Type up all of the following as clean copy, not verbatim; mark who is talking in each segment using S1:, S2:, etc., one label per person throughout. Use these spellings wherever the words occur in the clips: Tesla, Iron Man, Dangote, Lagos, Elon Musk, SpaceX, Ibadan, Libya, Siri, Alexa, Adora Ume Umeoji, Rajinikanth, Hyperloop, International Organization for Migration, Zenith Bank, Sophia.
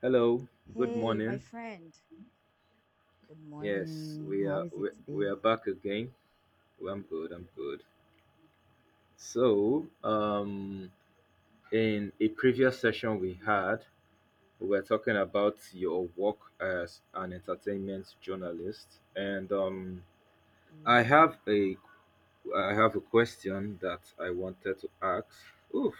S1: Hello, good
S2: Hey, my
S1: morning.
S2: friend. Good
S1: Yes,
S2: morning.
S1: we
S2: How
S1: are
S2: is it
S1: we, we are
S2: today?
S1: back again. Well, I'm good. I'm good. So in a previous session we had, we were talking about your work as an entertainment journalist, and
S2: We
S1: I
S2: were.
S1: have a I have a question that I wanted to ask. Oof,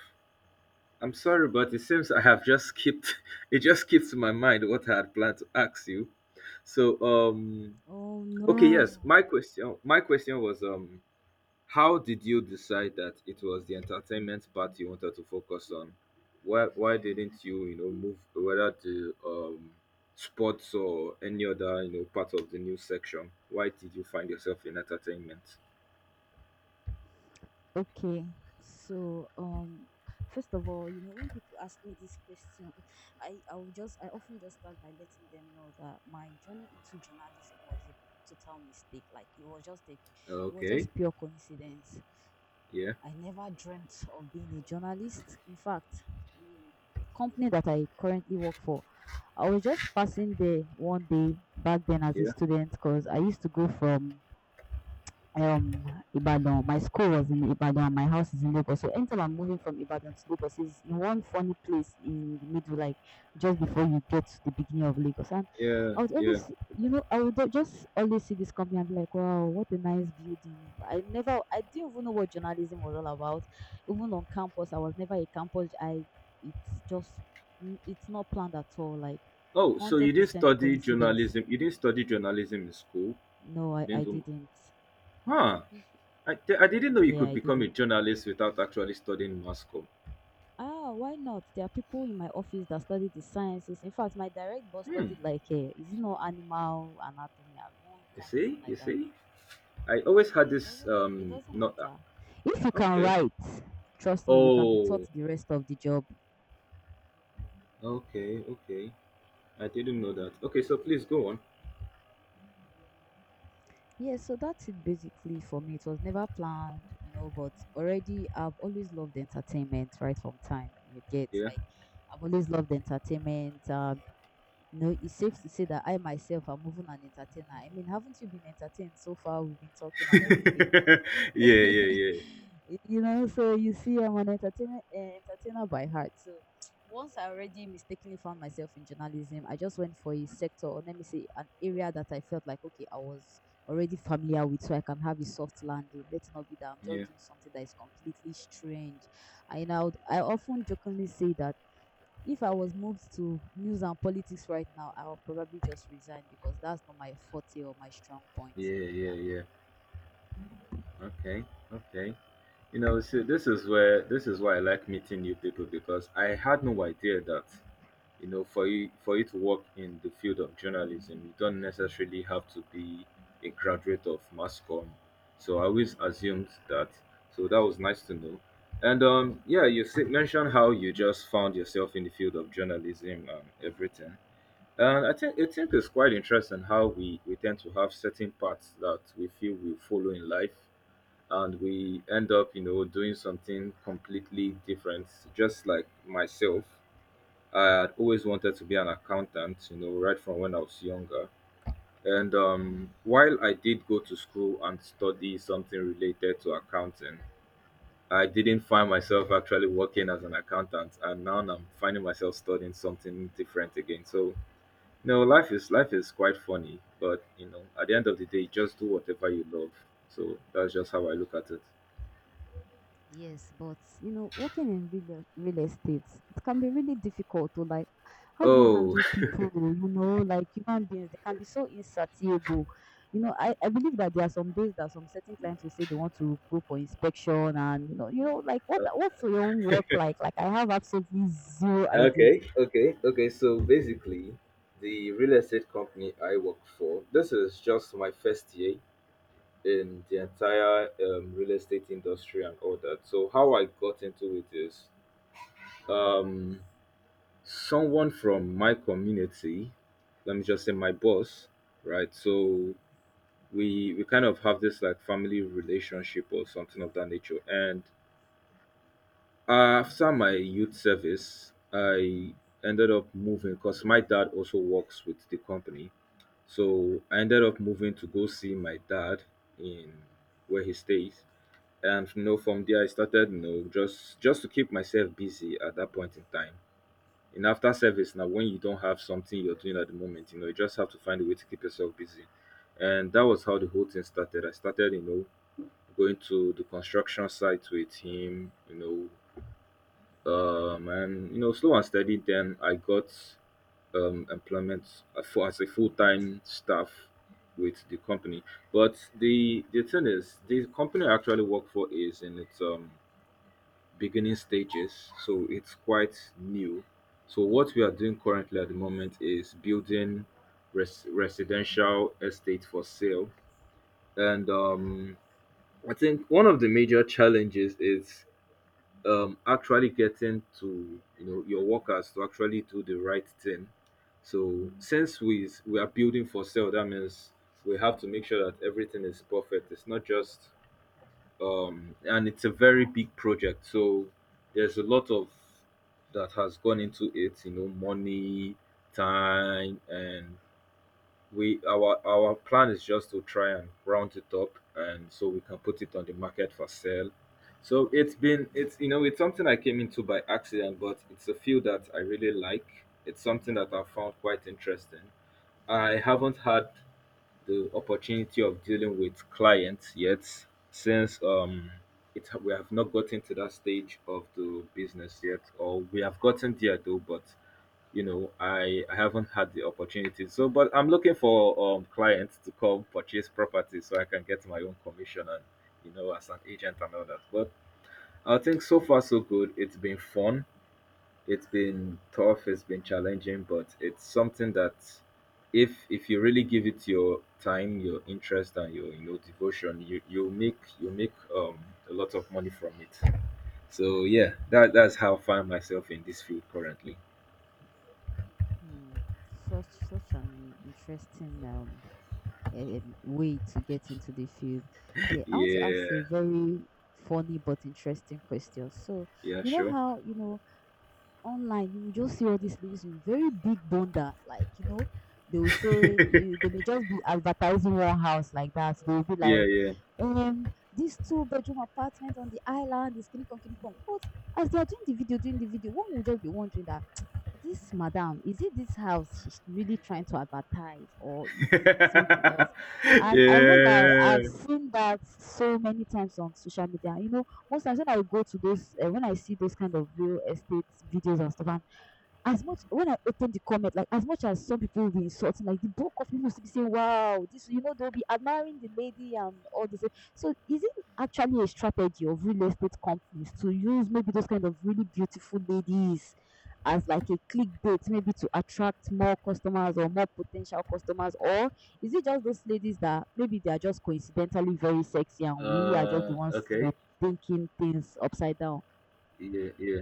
S1: I'm sorry, but it seems I have just skipped. It just skipped my mind what I had planned to ask you. So, um,
S2: Oh
S1: Okay, yes.
S2: no.
S1: My question was how did you decide that it was the entertainment part you wanted to focus on? Why didn't you, you know, move whether to sports or any other, you know, part of the news section? Why did you find yourself in entertainment?
S2: Okay. So, um, First of all, you know, when people ask me this question, I often just start by letting them know that my journey into journalism was a total mistake. Like it was
S1: Okay.
S2: just pure coincidence.
S1: Yeah.
S2: I never dreamt of being a journalist. In fact, the company that I currently work for, I was just passing there one day back then as a
S1: Yeah.
S2: student because I used to go from um Ibadan. My school was in Ibadan, my house is in Lagos. So anytime I'm moving from Ibadan to Lagos is in one funny place in the middle, like just before you get to the beginning of Lagos. And
S1: Yeah.
S2: I would
S1: Yeah.
S2: always, you know, I would just always see this company and be like, wow, what a nice building. I didn't even know what journalism was all about. Even on campus, I was never a campus. It's just, it's not planned at all. Like,
S1: Oh, so you
S2: hundred
S1: didn't
S2: percent
S1: study
S2: coincidence.
S1: journalism. You didn't study journalism in school.
S2: No,
S1: You
S2: I
S1: didn't do
S2: didn't.
S1: Huh. I didn't know you
S2: Yeah,
S1: could
S2: I
S1: become a
S2: didn't.
S1: journalist without actually studying mass comm.
S2: Ah, why not? There are people in my office that study the sciences. In fact, my direct boss
S1: Hmm.
S2: studied like is it not animal anatomy or one
S1: You
S2: kind thing
S1: see? You
S2: like that.
S1: see? I always had this
S2: It doesn't
S1: not
S2: matter. If you can
S1: okay.
S2: write, trust me, you can be taught
S1: Oh,
S2: the rest of the job.
S1: okay, okay. I didn't know that. Okay, so please go on.
S2: Yeah, so that's it basically for me. It was never planned, you know, but already I've always loved entertainment right from time. You get
S1: Yeah.
S2: like I've always loved entertainment. No, it's safe to say that I myself am even an entertainer. I mean, haven't you been entertained so far? We've been talking and everything.
S1: yeah, yeah, yeah.
S2: You know, so you see, I'm an entertainment entertainer by heart. So once I already mistakenly found myself in journalism, I just went for a sector, or let me say, an area that I felt like okay, I was already familiar with, so I can have a soft landing. Let it not be that I'm
S1: Yeah.
S2: just doing something that is completely strange. I often jokingly say that if I was moved to news and politics right now, I would probably just resign because that's not my forte or my strong point. So
S1: Yeah, yeah,
S2: yeah.
S1: yeah. Okay. Okay. You know, see, this is why I like meeting new people, because I had no idea that, you know, for you to work in the field of journalism, you don't necessarily have to be a graduate of mass comm. So I always assumed that. So that was nice to know. And yeah, you said mentioned how you just found yourself in the field of journalism and everything. And I think it's quite interesting how we tend to have certain paths that we feel we follow in life, and we end up, you know, doing something completely different. Just like myself, I had always wanted to be an accountant, you know, right from when I was younger. And while I did go to school and study something related to accounting, I didn't find myself actually working as an accountant, and now I'm finding myself studying something different again. So, no, life is quite funny, but you know, at the end of the day, just do whatever you love. So that's just how I look at it.
S2: Yes, but you know, working in real estate, it can be really difficult to like, how do you
S1: Oh,
S2: handle people? You know, like human beings, they can be so insatiable. You know, I believe that there are some days that some certain clients will say they want to go for inspection, and like what's your own work like? Like I have absolutely zero idea.
S1: okay, okay, okay. So basically, the real estate company I work for, this is just my first year in the entire real estate industry and all that. So how I got into it is, um, someone from my community, let me just say my boss, right? So we kind of have this like family relationship or something of that nature. And after my youth service, I ended up moving because my dad also works with the company. So I ended up moving to go see my dad in where he stays. And you know, from there I started, you know, just to keep myself busy at that point in time. In after service now, when you don't have something you're doing at the moment, you know, you just have to find a way to keep yourself busy. And that was how the whole thing started. I started, you know, going to the construction site with him, you know, and you know, slow and steady, then I got employment for as a full-time staff with the company. But the thing is, the company I actually work for is in its beginning stages, so it's quite new. So what we are doing currently at the moment is building residential estate for sale. And I think one of the major challenges is, actually getting to, you know, your workers to actually do the right thing. So since we are building for sale, that means we have to make sure that everything is perfect. It's not just and it's a very big project. So there's a lot of that has gone into it. You know, money, time, and we our plan is just to try and round it up, and so we can put it on the market for sale. So it's, you know, it's something I came into by accident, but it's a field that I really like. It's something that I found quite interesting. I haven't had the opportunity of dealing with clients yet, since it, we have not gotten to that stage of the business yet, or we have gotten there though, but you know, I haven't had the opportunity. So but I'm looking for clients to come purchase property so I can get my own commission and, you know, as an agent and all that. But I think so far so good, it's been fun, it's been tough, it's been challenging, but it's something that, if you really give it your time, your interest, and your, you know, devotion, you make a lot of money from it. So yeah, that's how I find myself in this field currently.
S2: Hmm. Such an interesting way to get into the field. Yeah, I want to ask a
S1: Yeah.
S2: very funny but interesting question. So
S1: Yeah, sure.
S2: how you know online you will just see all these ladies with very big bunda, like you know they will say you they may just be advertising one house like that. They will be
S1: Yeah,
S2: like,
S1: yeah.
S2: this two-bedroom apartment on the island is kinikon kinikon. But as they are doing the video, one will just be wondering that this madam, is it this house she's really trying to advertise or it's something else? And I won't lie, I've
S1: yeah.
S2: seen that so many times on social media. You know, most times when I go to those, when I see those kind of real estate videos and stuff, and as much when I open the comment, like as much as some people will be insulting, like the bulk of people will be saying, "Wow, this," you know, they'll be admiring the lady and all this. So, is it actually a strategy of real estate companies to use maybe those kind of really beautiful ladies as like a clickbait maybe to attract more customers or more potential customers or is it just those ladies that maybe they are just coincidentally very sexy and we are just the
S1: Uh,
S2: ones you know
S1: okay.
S2: thinking things upside down.
S1: Yeah, yeah.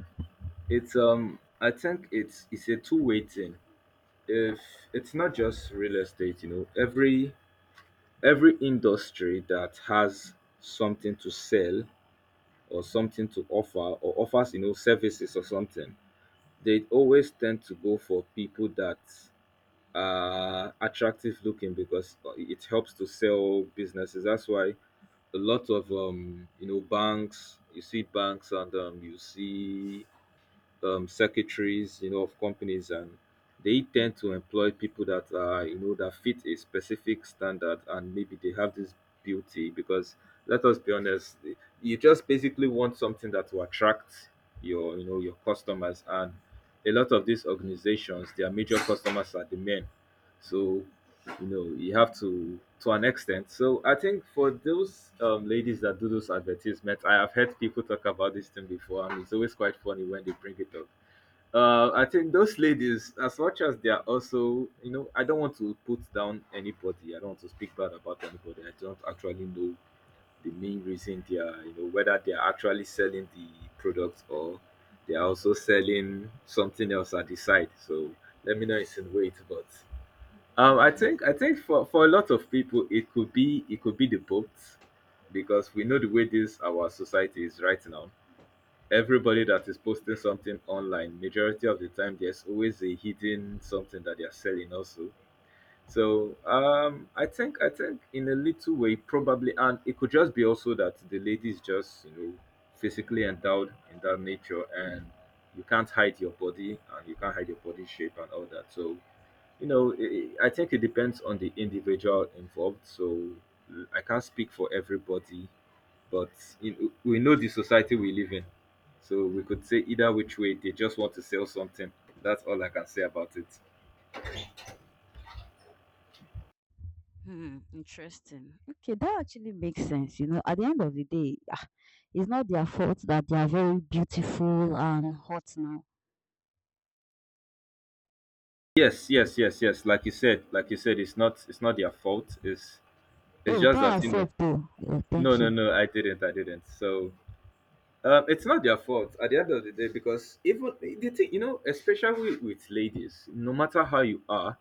S1: It's I think it's a two-way thing. If it's not just real estate, you know, every industry that has something to sell or something to offer or offers, you know, services or something, they always tend to go for people that are attractive looking, because it helps to sell businesses. That's why a lot of, you know, banks, you see banks, and you see, secretaries, you know, of companies, and they tend to employ people that are, you know, that fit a specific standard, and maybe they have this beauty. Because let us be honest, you just basically want something that will attract your, you know, your customers. And a lot of these organizations, their major customers are the men. So you know, you have to an extent. So I think for those, ladies that do those advertisements, I have heard people talk about this thing before, and it's always quite funny when they bring it up. I think those ladies, as much as they are also, you know, I don't want to put down anybody, I don't want to speak bad about anybody, I don't actually know the main reason they are, you know, whether they are actually selling the product, or they are also selling something else at the side. So let me know not insinuate, but I think for a lot of people, it could be, it could be the boat. Because we know the way this our society is right now. Everybody that is posting something online, majority of the time there's always a hidden something that they are selling also. So I think in a little way, probably. And it could just be also that the lady is just, you know, physically endowed in that nature, and you can't hide your body, and you can't hide your body shape and all that. So you know, I think it depends on the individual involved. So mm, I can't speak for everybody, but in, we know the society we live in. So we could say either which way they just want to sell something. That's all I can say about it.
S2: Hmm, interesting. Okay, that actually makes sense. You know, at the end of the day, ah, it's not their fault that they are very beautiful and hot now.
S1: Yes, yes, yes, yes. Like you said, it's not their fault. It's
S2: Hey,
S1: just
S2: that
S1: that, you know.
S2: ourselves though. Yeah,
S1: No,
S2: thank
S1: no,
S2: you.
S1: no. I didn't. I didn't. So it's not their fault at the end of the day, because even the thing, you know, especially with ladies, no matter how you are,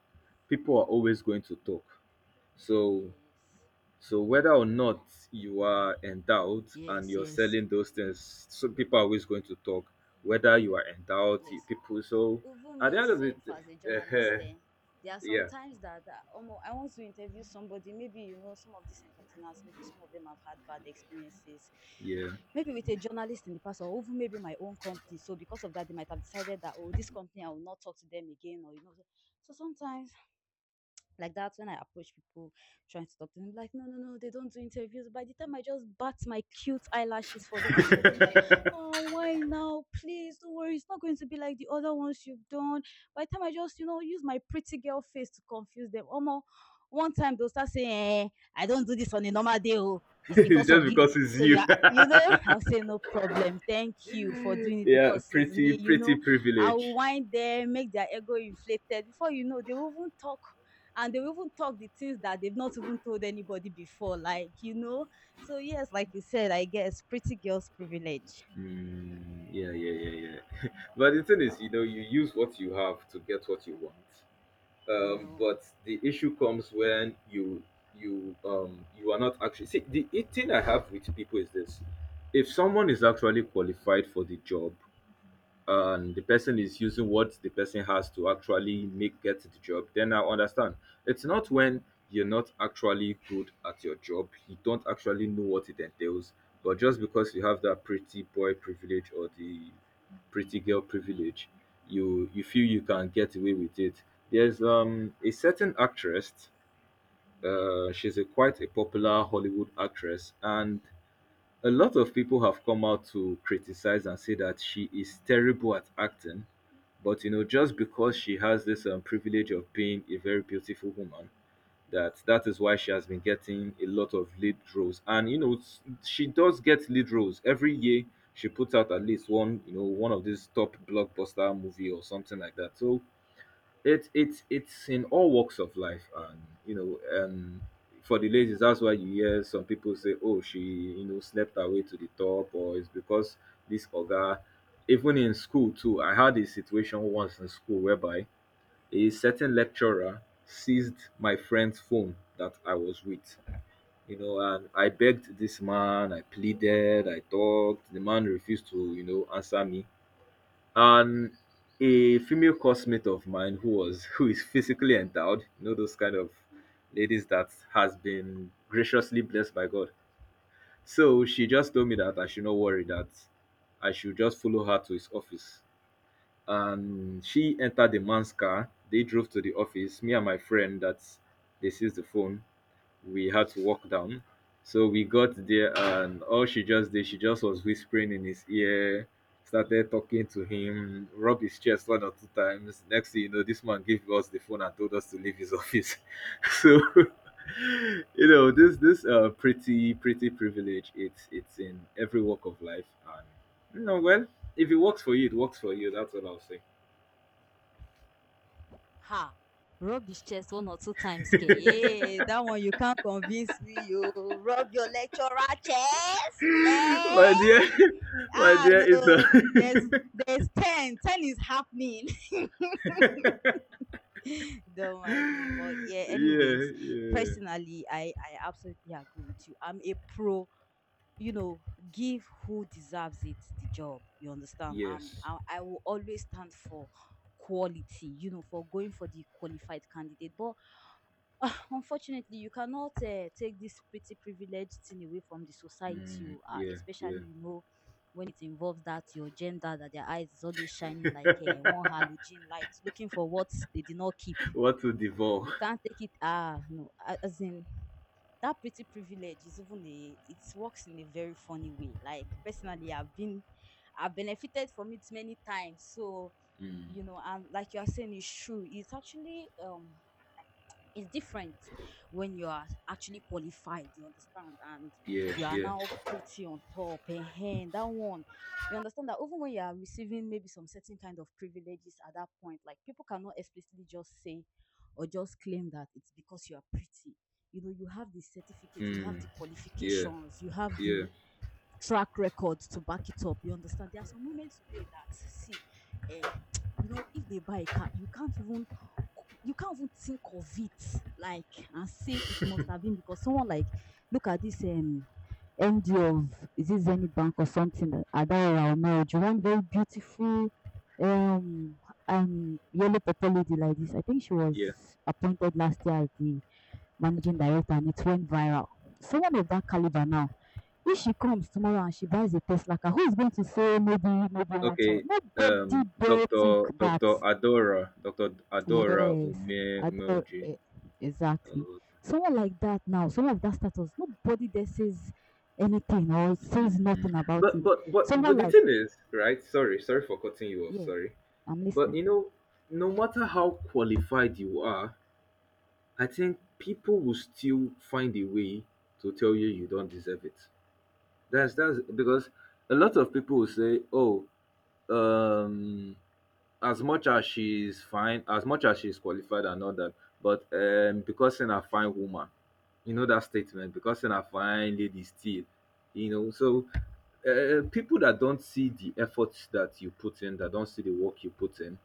S1: people are always going to talk. So, so whether or not you are endowed and
S2: Yes, yes,
S1: you're
S2: yes,
S1: selling those things, so people are always going to talk. Whether you are endowed, you-
S2: yes.
S1: people. So,
S2: Even
S1: at the
S2: me
S1: end of the
S2: sef as a
S1: day,
S2: journalist, there are some
S1: yeah,
S2: times that ah omo I want to interview somebody, maybe you know some of these entertainers, maybe some of them have had bad experiences
S1: yeah,
S2: maybe with a journalist in the past or even maybe my own company, so because of that they might have decided that oh, this company I will not talk to them again, or you know. So so sometimes like that's when I approach people trying to talk to them, like, no, no, no, they don't do interviews. By the time I just bat my cute eyelashes for them and tell them that, oh, why now? Please don't worry, it's not going to be like the other ones you've done. By the time I just, you know, use my pretty girl face to confuse them. Almost one time they'll start saying, eh, I don't do this on a normal day. Oh, it's
S1: it's
S2: because
S1: just
S2: of you.
S1: because it's
S2: So you
S1: you.
S2: are, you know, I'll say no problem. Thank you for doing it
S1: yeah,
S2: because it's
S1: pretty,
S2: me, you
S1: pretty
S2: know. I'll
S1: privilege.
S2: wind them, make their ego inflated. Before you know, they will even talk and they'll even talk the things that they've not even told anybody before, like, you know. So, yes, like you said, I guess pretty girls' privilege,
S1: Mm, yeah, yeah, yeah, yeah. But the thing is, you know, you use what you have to get what you want.
S2: you know.
S1: But the issue comes when you you are not actually, see, thing I have with people is this: if someone is actually qualified for the job, and the person is using what the person has to actually make get the job, then I understand. It's not when you're not actually good at your job, you don't actually know what it entails, but just because you have that pretty boy privilege or the pretty girl privilege, you feel you can get away with it. There's a certain actress, she's a quite a popular Hollywood actress, and a lot of people have come out to criticize and say that she is terrible at acting, but you know, just because she has this privilege of being a very beautiful woman, that is why she has been getting a lot of lead roles. And you know, she does get lead roles every year. She puts out at least one, you know, one of these top blockbuster movie or something like that. So it's in all walks of life, and you know. For the ladies, that's why you hear some people say, "Oh, she, you know, slept her way to the top, or it's because this oga." Even in school too, I had a situation once in school whereby a certain lecturer seized my friend's phone that I was with, you know. And I begged this man, I pleaded, I talked, the man refused to, you know, answer me. And a female coursemate of mine who is physically endowed, you know, those kind of ladies that has been graciously blessed by God. So she just told me that I should not worry, that I should just follow her to his office. And she entered the man's car. They drove to the office. Me and my friend that they seized the phone, we had to walk down. So we got there, and all she just did, she just was whispering in his ear, started talking to him, rubbed his chest one or two times. Next thing you know, this man gave us the phone and told us to leave his office. So, you know, this pretty privilege. It's in every walk of life, and you know, well, if it works for you, it works for you. That's what I'll say.
S2: Ha. Rub his chest one or two times, K. Hey, that one you can't convince me. You rub your lecturer chest.
S1: My
S2: Eh?
S1: dear, my
S2: Ah,
S1: dear, it's a.
S2: no. There's there's 10. 10 is happening. Don't mind me. But yeah,
S1: Yeah,
S2: anyways,
S1: yeah,
S2: personally, I absolutely agree with you. I'm a pro, you know, give who deserves it the job. You understand?
S1: yes.
S2: I will always stand for quality, you know, for going for the qualified candidate. But unfortunately, you cannot take this pretty privileged thing away from the society
S1: Mm,
S2: you are,
S1: yeah, yeah.
S2: especially, you know, when it involves that your gender, that their eyes is always shining like a one halogen light, looking for what they did not keep.
S1: What to devour?
S2: They can't take it. Ah, no, as in that pretty privilege is even a it works in a very funny way. Like personally, I've benefited from it many times. So,
S1: Mm,
S2: you know, and like you are saying, it's true. It's actually it's different when you are actually qualified, you understand, and
S1: yeah,
S2: you are
S1: yeah.
S2: now pretty on top. And that one, you understand that even when you are receiving maybe some certain kind of privileges at that point, like people cannot explicitly just say or just claim that it's because you are pretty. You know, you have the certificate, you have
S1: Mm,
S2: the
S1: yeah,
S2: qualifications, you have
S1: yeah,
S2: the track records to back it up. You understand? There are some women today that see, eh, you know, if they buy a car, you can't even think of it like and say it must have been because someone like look at this MD of is it Zenith Bank or something at that our marriage? One very beautiful um yellow purple lady like this. I think she
S1: yeah.
S2: was appointed last year as the managing director and it went viral. Someone of that caliber now, if she comes tomorrow and she buys a Tesla car, who is going to say maybe maybe one thing?
S1: Okay.
S2: Nobody dare think
S1: Doctor
S2: that.
S1: Adora, Doctor Adora
S2: Yes,
S1: Ume
S2: adore
S1: Umeoji.
S2: eh, exactly.
S1: Uh,
S2: Someone like that now, someone of that status, nobody there says anything or says
S1: mm.
S2: nothing about
S1: But
S2: it.
S1: but but but
S2: Someone
S1: the
S2: like,
S1: thing is, right? Sorry, sorry for cutting you off.
S2: yeah,
S1: Sorry,
S2: I'm
S1: but
S2: listening.
S1: you know, no matter how qualified you are, I think people will still find a way to tell you you don't deserve it. That's because a lot of people will say, "Oh, um, as much as she's fine, as much as she's qualified and all that, but because in a fine woman, you know that statement, because in a fine lady still, you know." So people that don't see the efforts that you put in, that don't see the work you put in,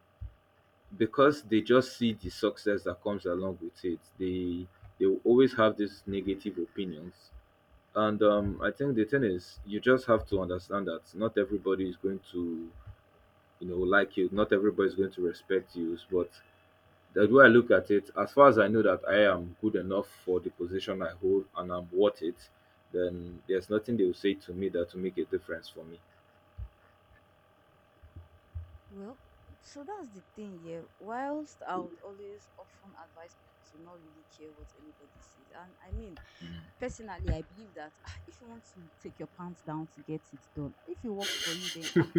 S1: because they just see the success that comes along with it, they will always have these negative opinions. And I think the thing is, you just have to understand that not everybody is going to, you know, like you, not everybody is going to respect you. But the way I look at it, as far as I know that I am good enough for the position I hold and I'm worth it, then there's nothing they will say to me that will make a difference for me.
S2: Well, so that's the thing, yeah. Whilst I would always often advise people to not really care what anybody says, and I mean,
S1: Mm.
S2: personally, I believe that ah, if you want to take your pants down to get it done, if it works for you, then ah,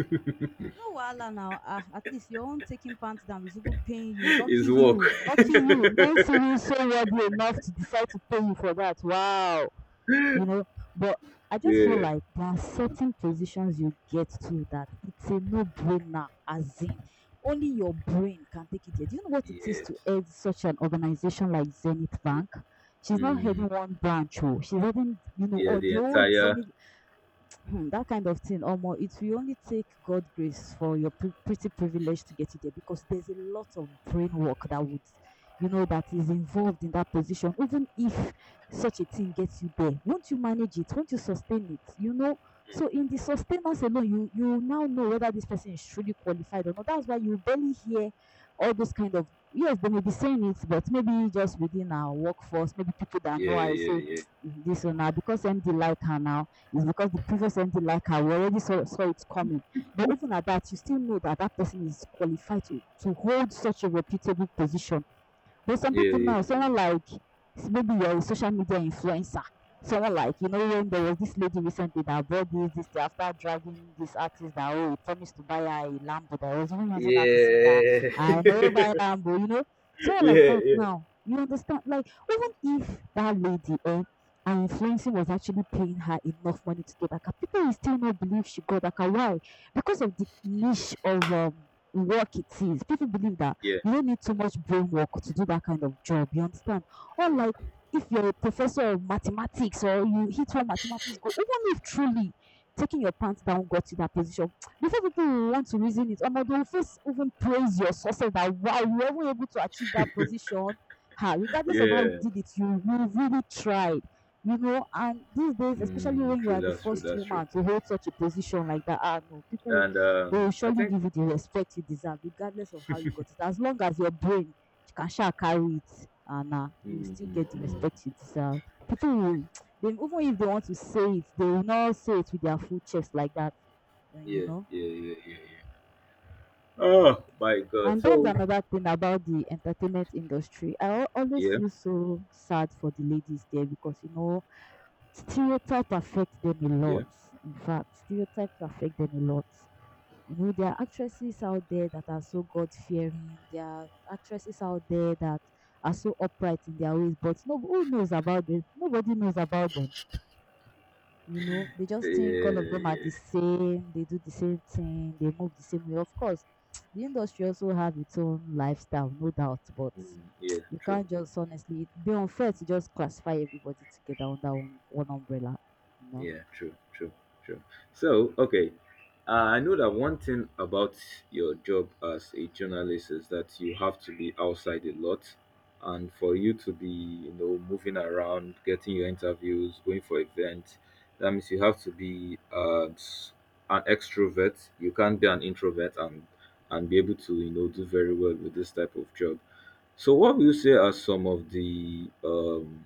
S2: no wahala now. Ah, at least your own taking pants down is even paying you. Lucky
S1: It's work.
S2: you, lucky you. Men see you so worthy enough to decide to pay you for that. Wow you know. But I just feel
S1: Yeah.
S2: like there are certain positions you get to that it's a no-brainer, as in only your brain can take it there. Do you know what it is
S1: Yes.
S2: to head such an organization like Zenith Bank? She's not
S1: Mm,
S2: heading one branch, oh, she's heading, you know,
S1: yeah,
S2: all
S1: the
S2: the old
S1: entire.
S2: Zenith. Hmm, that kind of thing, Omo, it will only take God grace for your pretty privilege to get you there because there's a lot of brain work that would, you know, that is involved in that position. Even if such a thing gets you there, won't you manage it? Won't you sustain it? You know, so in the sustenance alone, you now know whether this person is truly qualified or not. That's why you barely hear all those kind of yes, they may be saying it, but maybe just within our workforce, maybe people that
S1: Yeah,
S2: know I say
S1: yeah,
S2: "Tsk, this or now because MD like her now is because the previous MD like her. We already saw it coming. But even at that, you still know that that person is qualified to hold such a reputable position but some
S1: yeah,
S2: people
S1: yeah,
S2: now, someone like maybe your social media influencer, someone like you know when there was this lady recently that bought this thing after dragging this artist that oh he promised to buy her a Lambo that was even using her to sing that
S1: yeah.
S2: I never
S1: yeah,
S2: buy Lambo, you know, someone like
S1: Yeah.
S2: that
S1: Yeah,
S2: now. You understand? Like even if that lady eh, her influencing was actually paying her enough money to get Aka, people will still not believe she got Aka. Why? Because of the niche of work it is. People believe that
S1: yeah,
S2: you don't need too much brain work to do that kind of job. You understand? Unlike if you're a professor of mathematics or you hit one mathematics goal, even if truly taking your pants down got you that position, before people will want to reason it, or they'll first even praise your success that wow, you were even able to achieve that position. Ha, regardless of how you
S1: yeah.
S2: did it, you really tried. You know, and these days, especially
S1: Mm,
S2: when you
S1: true,
S2: are the
S1: that's true,
S2: first
S1: that's true.
S2: woman to hold such a position like that, ah no, people
S1: And
S2: they will
S1: I
S2: surely
S1: think
S2: give you the respect you deserve regardless of how you got it. As long as your brain can sha carry it and you
S1: mm,
S2: still get the
S1: mm,
S2: respect you deserve. People will they even if they want to say it, they will not say it with their full chest like that, you
S1: yeah,
S2: know.
S1: yeah, yeah, yeah, yeah. Oh my God!
S2: And that's
S1: So
S2: another thing about the entertainment industry. Always
S1: yeah,
S2: feel so sad for the ladies there because you know stereotypes affect them a
S1: yeah,
S2: lot. In fact, stereotypes affect them a lot. You know, there are actresses out there that are so God fearing. There are actresses out there that are so upright in their ways, but no, who knows about them? Nobody knows about them. You know, they
S1: yeah,
S2: just think all of
S1: yeah,
S2: them are
S1: yeah.
S2: the same. They do the same thing. They move the same way. Of course, the industry also have its own lifestyle, no doubt. But
S1: Mm, yeah.
S2: you
S1: True.
S2: can't just honestly it'd be unfair to just classify everybody together under one umbrella. You know.
S1: Yeah, true, true, true. So, okay, I know that one thing about your job as a journalist is that you have to be outside a lot, and for you to be, you know, moving around, getting your interviews, going for events, that means you have to be an extrovert. You can't be an introvert and be able to, you know, do very well with this type of job. So, what will you say are some of the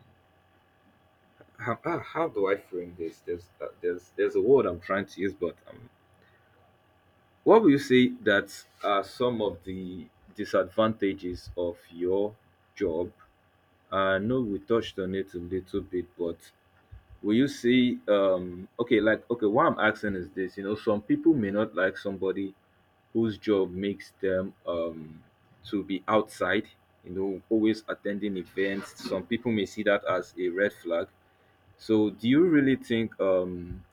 S1: how, how do I frame this? There's there's a word I'm trying to use, but what will you say that are some of the disadvantages of your job? I know we touched on it a little bit, but will you say okay, like okay, what I'm asking is this, you know, some people may not like somebody whose job makes them to be outside, you know, always attending events. Some people may see that as a red flag. So, do you really think um,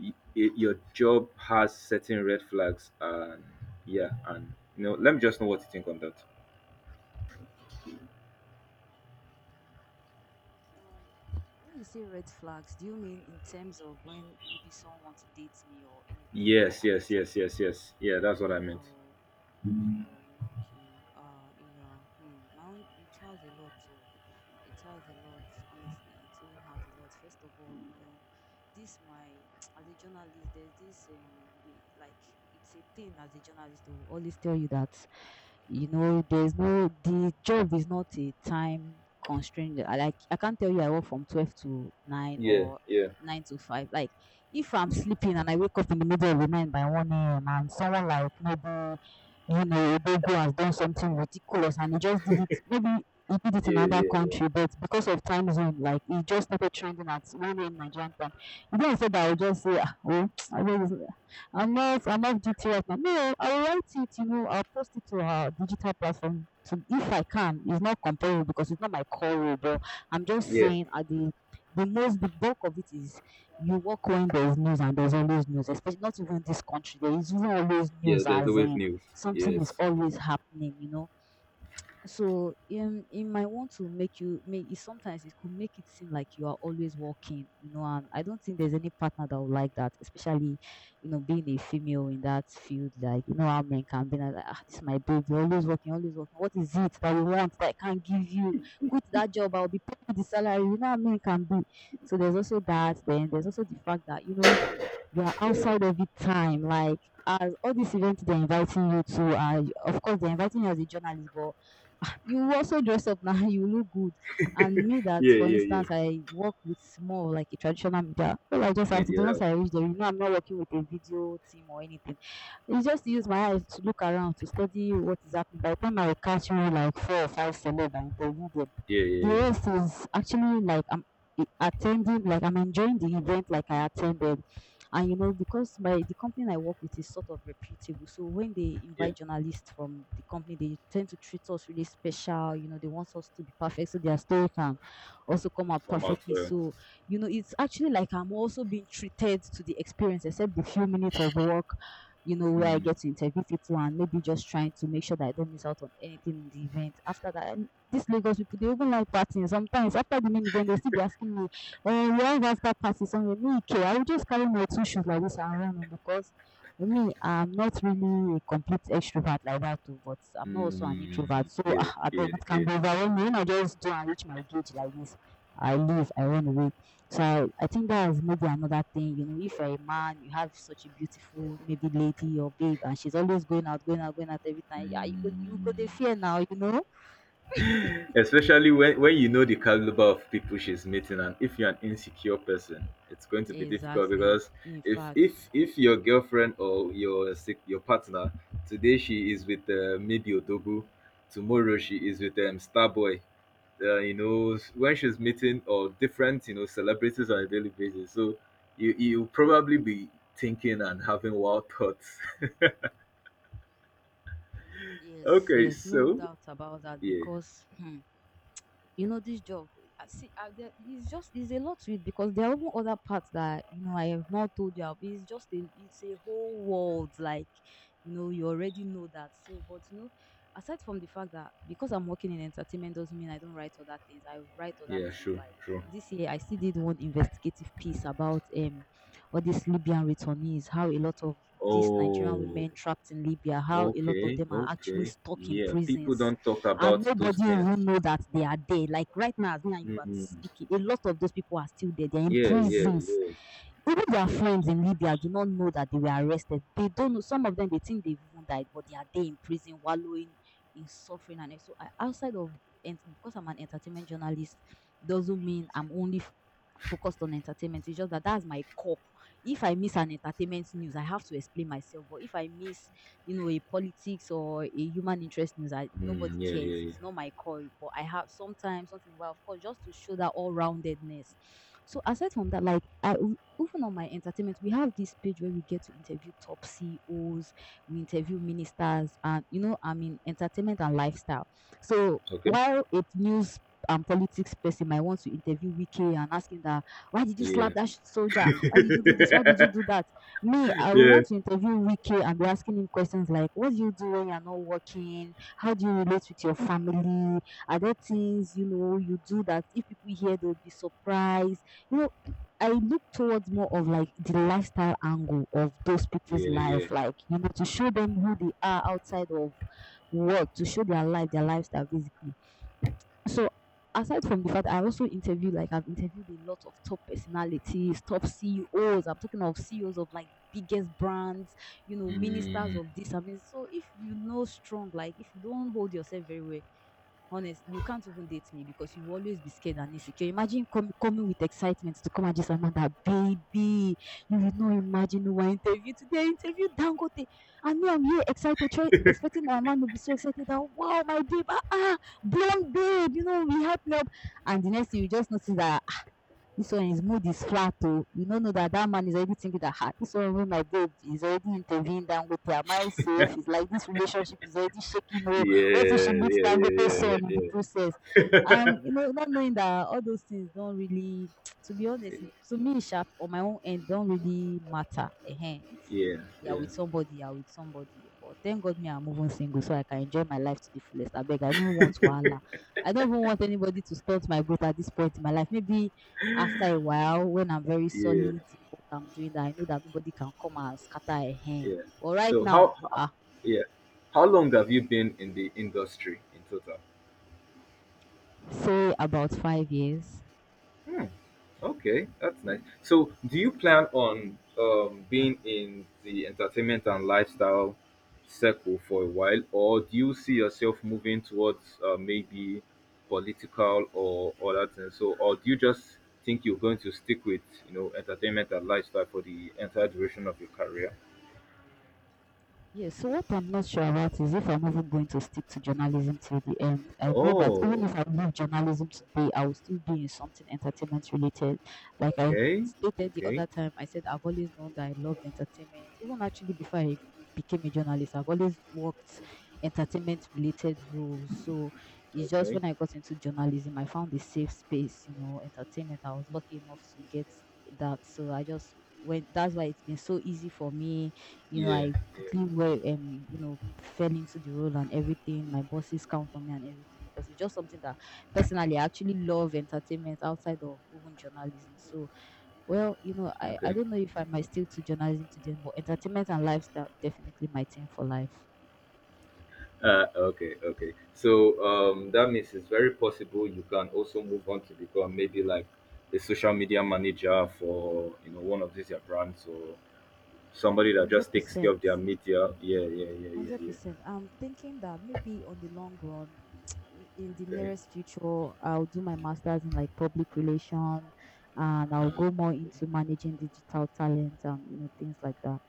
S1: y- y- your job has certain red flags? And yeah, and you know, let me just know what you think on that.
S2: When you say red flags, do you mean in terms of when maybe someone wants to date me or anything like
S1: Yes,
S2: I'm
S1: yes,
S2: trying?
S1: yes, yes, yes. Yeah, that's what I meant.
S2: Oh, okay. Yeah. Hmm. My own, it has a lot to. It has a lot. Honestly, it own has a lot. First of all, you know, this my as a journalist, there's this the, like it's a thing as a journalist to always tell you that. You know, there's no the job is not a time constraint. I like I can't tell you I work from 12 to nine
S1: Yeah,
S2: or
S1: yeah,
S2: nine to five. Like if I'm sleeping and I wake up in the middle of the night by one AM and someone like maybe you know, Odogu has done something ridiculous and he just did it. Maybe he did it in
S1: yeah,
S2: another
S1: yeah,
S2: country, but because of time zone, like he just started trending at 1 a.m. Nigerian time. He didn't say that I would just say, "Ah, oh, I just, I'm off duty right now. No, I'll write it, you know, I'll post it to our digital platform to, if I can. It's not compelling because it's not my core role, but I'm just
S1: yeah, yeah.
S2: saying at the most the bulk of it is you work when there's news and there's always news, especially not even this country. There is even always
S1: Yeah,
S2: news
S1: there's
S2: as
S1: always
S2: in
S1: news.
S2: something is
S1: Yes.
S2: always happening, you know. So it might want to make you make it sometimes it could make it seem like you are always walking, you know, and I don't think there's any partner that would like that, especially, you know, being a female in that field, like you know how men can be like ah, this is my baby, always working, always working. What is it that you want that I can't give you? Quit that job, I'll be paying the salary, you know how men can be. So there's also that, then there's also the fact that, you know, you are outside every time. Like as all these events they're inviting you to, of course they're inviting you as a journalist, but ah, you also dress up now. You look good. And me, that
S1: Yeah,
S2: for
S1: yeah,
S2: instance,
S1: yeah.
S2: I work with more of like a traditional media. All I just have to
S1: Media
S2: do once I
S1: else.
S2: reach there, you know, I'm not working with a video team or anything. It's just to use my eyes to look around to study what is happening. By the time I will catch you like four or five celeb and interview them,
S1: Yeah,
S2: the
S1: yeah, yeah,
S2: rest is actually like attending, like I'm enjoying the event, like I attended. And you know, because my the company I work with is sort of reputable, so when they
S1: yeah.
S2: invite journalists from the company, they tend to treat us really special. You know, they want us to be perfect, so their story can also come out
S1: Somehow.
S2: perfectly. So you know, it's actually like I'm also being treated to the experience, except the few minutes of work. You know, where I
S1: Mm,
S2: get to interview people and maybe just trying to make sure that I don't miss out on anything in the event. After that, and these Lagos people, they even like partying. Sometimes after the main event, they'll still be asking me or once that start party somewhere, me okay, I will just carry my two shoes like this and run o because me I'm not really a complete extrovert like that Too, but I'm not also an introvert
S1: mm,
S2: so
S1: yeah,
S2: ah abeg
S1: yeah,
S2: it can
S1: yeah.
S2: be overwhelming when I just do am reach my gauge like this. I leave, I run away. So I think dat maybe another thing you know if you're a man, you have such a beautiful maybe lady or babe and she's always going out, going out, going out every time, yeah, you go the
S1: Mm.
S2: fear now you know.
S1: Especially when you know the caliber of people she's meeting, and if you're an insecure person, it's going to be difficult
S2: Exactly.
S1: because
S2: In
S1: if if
S2: fact,
S1: if your girlfriend or your your partner, today she is with maybe odogu, tomorrow she is with starboy. You know, when she's meeting or different, you know, celebrities on a daily basis, so you probably be thinking and having wild thoughts.
S2: yes,
S1: Okay,
S2: yes, no
S1: so
S2: doubt about that
S1: yeah,
S2: because hmm, you know this job there, it's a lot to it because there are even other parts that you know I have not told you of. It's just a it's a whole world like you know you already know that so but you know aside from the fact that because I'm working in entertainment doesn't mean I don't write other things I write other
S1: yeah,
S2: things
S1: sure,
S2: like
S1: sure.
S2: this year I still did one investigative piece about all these libyan returnees how a lot of these nigerian
S1: Oh,
S2: women trapped in libya how a lot of
S1: okay,
S2: them are actually
S1: okay.
S2: stuck in
S1: Yeah, people
S2: prisons
S1: don't talk
S2: and
S1: about those
S2: nobody
S1: things.
S2: even know that they are there. Like right now, as me and you are
S1: Mm,
S2: speaking, a lot of those people are still there. They're in
S1: yeah, yeah,
S2: prisons.
S1: yeah.
S2: Even their friends in Libya do not know that they were arrested. They don't know. Some of them they think they've even died, but they are there in prison, wallowing in suffering. And so, outside of because I'm an entertainment journalist, doesn't mean I'm only focused on entertainment. It's just that that's my core. If I miss an entertainment news, I have to explain myself. But if I miss you know, a politics or a human interest news. I nobody
S1: Mm, yeah, yeah,
S2: cares.
S1: yeah.
S2: It's not my call. But I have sometimes, something. In a while, of course, just to show that all roundedness. So aside from that, like even on my entertainment, we have this page where we get to interview top CEOs, we interview ministers, and you know, I mean entertainment and lifestyle. So
S1: Okay.
S2: while a news and politics person might want to interview Wiki and ask him that why did you slap
S1: Yeah,
S2: that soldier? Why did you do this? Why did you do that? Me, I would
S1: yeah,
S2: want to interview Wike and be asking him questions like, what do you do when you're not working? How do you relate with your family? Are there things, you know, you do that if people hear, they'll be surprised? You know, I look towards more of like the lifestyle angle of those people's
S1: yeah, yeah.
S2: life, like, you know, to show them who they are outside of work, to show their life, their lifestyle, basically. So aside from the fact I also interview like I've interviewed a lot of top personalities, top CEOs. I'm talking of CEOs of like the biggest brands, you know, ministers
S1: Mm,
S2: of this. So if you know strong, like if you don't hold yourself very well, honest, you can't even date me because you will always be scared and insecure. Imagine coming with excitement to come and just someone that, baby, you will not imagine who I interview today. I interview Dangote. And me, I'm here excited, expecting that man will be so excited that, wow, my babe, ah, ah, blonde babe, you know, we help me up. And the next thing, you just notice that, ah, this one his mood is flat oh, you don't know that that man is already thinking that, ah, this one wey my babe is already interviewing Dangote, am I safe? It's like this relationship is already shaking oh. What if she
S1: yeah, yeah,
S2: meets Dangote's
S1: yeah, yeah,
S2: son in the
S1: yeah,
S2: process? And you know, not knowing that all those things don't really, to be honest, to me, sharp on my own end, don't really matter. Ehen.
S1: yeah,
S2: If you're
S1: yeah,
S2: with somebody, you're with somebody. But thank God me, I'm moving single, so I can enjoy my life to the fullest. I beg, I don't want wahala. I don't even want anybody to stunt my growth at this point in my life. Maybe after a while, when I'm very
S1: yeah,
S2: solid
S1: yeah.
S2: in what I'm doing, that I know that nobody can come and scatter a hand.
S1: Yeah.
S2: But right
S1: So
S2: now,
S1: how,
S2: ah,
S1: yeah, how long have you been in the industry in total?
S2: say about 5 years.
S1: Hmm. Okay, that's nice. So, do you plan on being in the entertainment and lifestyle circle for a while, or do you see yourself moving towards maybe political or other things? So, or do you just think you're going to stick with, you know, entertainment and lifestyle for the entire duration of your career?
S2: Yes, so what I'm not sure about is if I'm even going to stick to journalism till the end. I know that even
S1: Oh,
S2: if I leave journalism today, I will still be in something entertainment related. Like I
S1: okay,
S2: stated the
S1: okay,
S2: other time, I said I've always known that I loved entertainment. Even actually before I became a journalist, I've always worked entertainment related roles. So it's just
S1: okay,
S2: when I got into journalism, I found a safe space, you know, entertainment. I was lucky enough to get that. So I just went, that's why it's been so easy for me, you know,
S1: yeah,
S2: I
S1: yeah,
S2: quickly were you know, fell into the role and everything. My bosses count on me and everything because it's just something that personally I actually love entertainment outside of even journalism. So well, you know, I
S1: okay.
S2: don't know if I might stick to journalism today, but entertainment and lifestyle definitely my thing for life.
S1: Okay, okay. So that means it's very possible you can also move on to become maybe like a social media manager for, you know, one of these your brands, or somebody that just
S2: Hundred
S1: takes care of
S2: percent.
S1: their media. Yeah, yeah, yeah, yeah,
S2: Hundred
S1: yeah.
S2: percent. I'm thinking that maybe on the long run, in the
S1: Okay.
S2: nearest future, I'll do my master's in like public relation, and I'll
S1: Uh,
S2: go more into managing digital talent and you know things like that.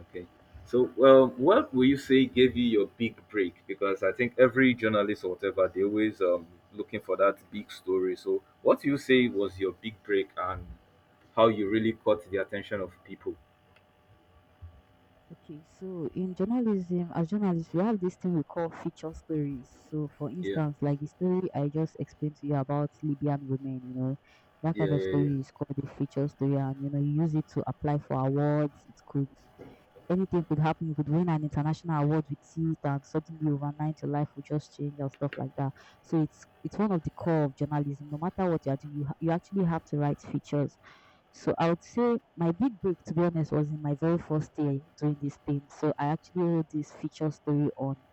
S1: okay. So, well, what will you say gave you your big break? Because I think every journalist or whatever, they always looking for that big story. So, what do you say was your big break, and how you really caught the attention of people?
S2: Okay, so in journalism, as journalists, we have this thing we call feature stories. So, for
S1: Yeah.
S2: instance, like the story I just explained to you about Libyan women, you know, that
S1: Yeah,
S2: kind of
S1: yeah, yeah,
S2: story is called a feature story, and you know, you use it to apply for awards. It could Anything could happen. You could win an international award with it, and suddenly overnight your life will just change and stuff like that. So it's one of the core of journalism. No matter what you are doing, you you actually have to write features. So I would say my big break, to be honest, was in my very first day doing this thing. So I actually wrote this feature story on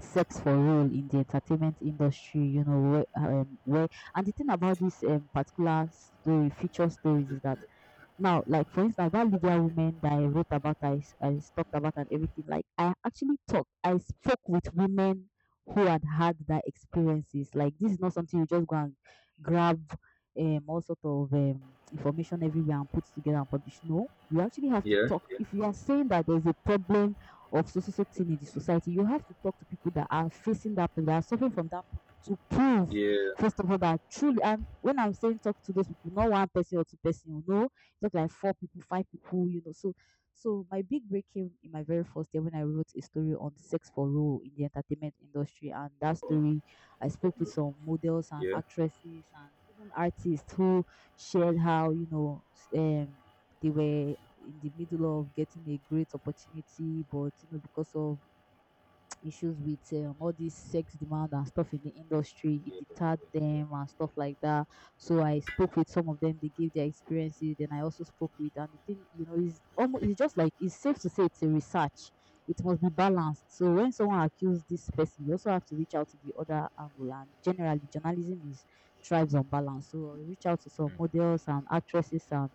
S2: sex for role in the entertainment industry. You know where and the thing about this particular story, feature stories, is that now, like for instance, that Libya woman that I wrote about, talked about and everything, like I actually talked, I spoke with women who had had that experiences. Like this is not something you just go and grab all sort of information everywhere and put together and publish. No, you actually have to
S1: yeah,
S2: talk. If you are saying that there's a problem of so so so thing in the society, you have to talk to people that are facing that problem, that are suffering from that problem to prove
S1: yeah, yeah,
S2: first of all that truly, and when I'm saying talk to those people, not one person or two person, you know, looked like four people, five people, you know. So my big break came in my very first year when I wrote a story on sex for role in the entertainment industry, and that story I spoke with some models and
S1: yeah, yeah.
S2: actresses and even artists who shared how, you know, they were in the middle of getting a great opportunity but you know because of issues with all this sex demand and stuff in the industry. It
S1: Yeah.
S2: deterred them and stuff like that. So I spoke with some of them. They gave their experiences. Then I also spoke with, and the thing, you know, is almost, it's just like, it's safe to say it's a research. It must be balanced. So when someone accuses this person, you also have to reach out to the other angle. And generally, journalism is thrives on balance. So I reach out to some
S1: Mm,
S2: models and actresses and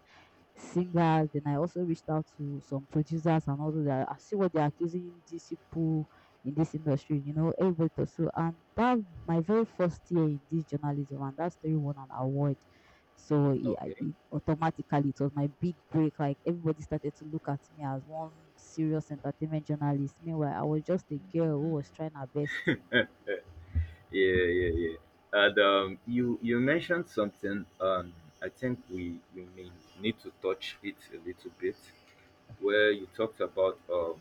S2: singers, then I also reached out to some producers and all those that I see what they're accusing these people in this industry, you know, everybody thought so, and that my very first year in this journalism, and that story won an award. So it, I-
S1: okay.
S2: it automatically, it was my big break. Like everybody started to look at me as one serious entertainment journalist. Meanwhile, I was just a girl who was trying her best.
S1: Yeah, yeah, yeah. And you mentioned something. I think we may need to touch it a little bit, where you talked about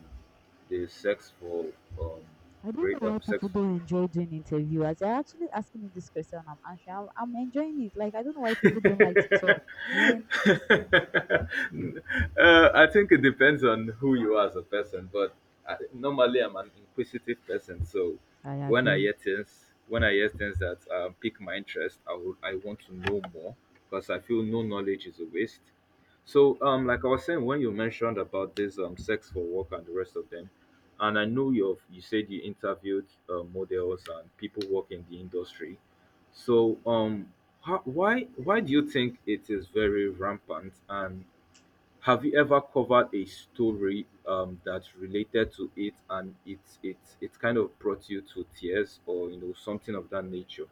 S1: the sex for um
S2: I don't know
S1: break
S2: why
S1: sex.
S2: people don't enjoy doing interview. As you're actually asking me this question, I'm answering. I'm enjoying it. Like I don't know why people don't like to
S1: uh,
S2: talk. Man,
S1: I think it depends on who you are as a person, but I, normally I'm an inquisitive person. So
S2: I
S1: when I
S2: agree.
S1: hear things, when I hear things that pique my interest, I would, I want to know more because I feel no knowledge is a waste. So like I was saying, when you mentioned about this sex for work and the rest of them, and I know you, you said you interviewed models and people working in the industry. So, how, why do you think it is very rampant? And have you ever covered a story that related to it, and it kind of brought you to tears, or you know, something of that nature?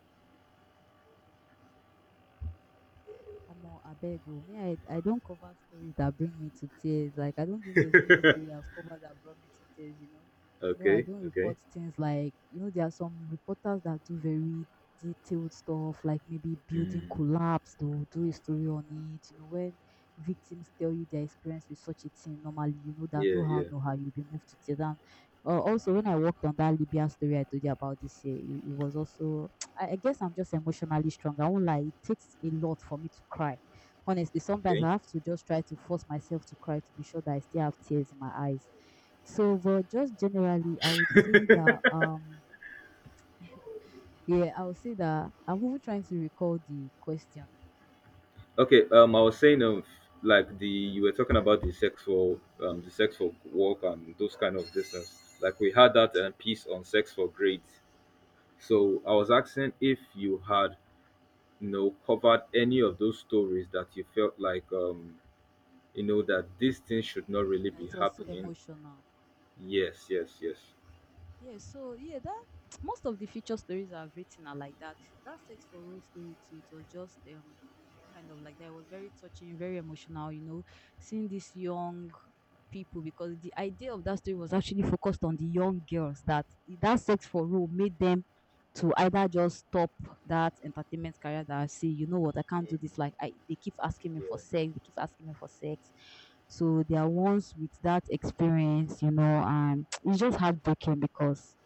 S2: Omo abeg o, me I don't cover stories that bring me to tears, like I don't think there's any story I've covered that brought me to tears, you know. You know, I
S1: Okay,
S2: don't
S1: okay,
S2: report things like, you know, there are some reporters that do very detailed stuff like maybe building
S1: mm,
S2: collapse, they will do a story on it, you know, when victims tell you their experience with such a thing normally, you know that
S1: yeah,
S2: no how,
S1: yeah,
S2: no how, you'll be moved to tears. And also when I worked on that Libya story I told you about this year, it was also, I guess I'm just emotionally strong. I won't lie. It takes a lot for me to cry. Honestly, sometimes
S1: okay,
S2: I have to just try to force myself to cry to be sure that I still have tears in my eyes. So, but just generally, I would say that yeah, I would say that I'm even trying to recall the question
S1: okay. I was saying like the, you were talking about the sexual work and those kind of distance. Like we had that piece on sex for grades. So I was asking if you had, you know, covered any of those stories that you felt like you know, that these things should not really
S2: that
S1: be
S2: it was so
S1: happening.
S2: emotional.
S1: Yes, yes, yes.
S2: Yeah, so yeah, that most of the feature stories I've written are like that. That sex for real story too. It was just kind of like that. It was very touching, very emotional. You know, seeing these young people because the idea of that story was actually focused on the young girls that sex for real made them to either just stop that entertainment career that I see, you know what, I can't do this. Like I, they keep asking me for
S1: Yeah.
S2: sex, they keep asking me for sex. So they are ones with that experience, you know, and it's just heartbreaking because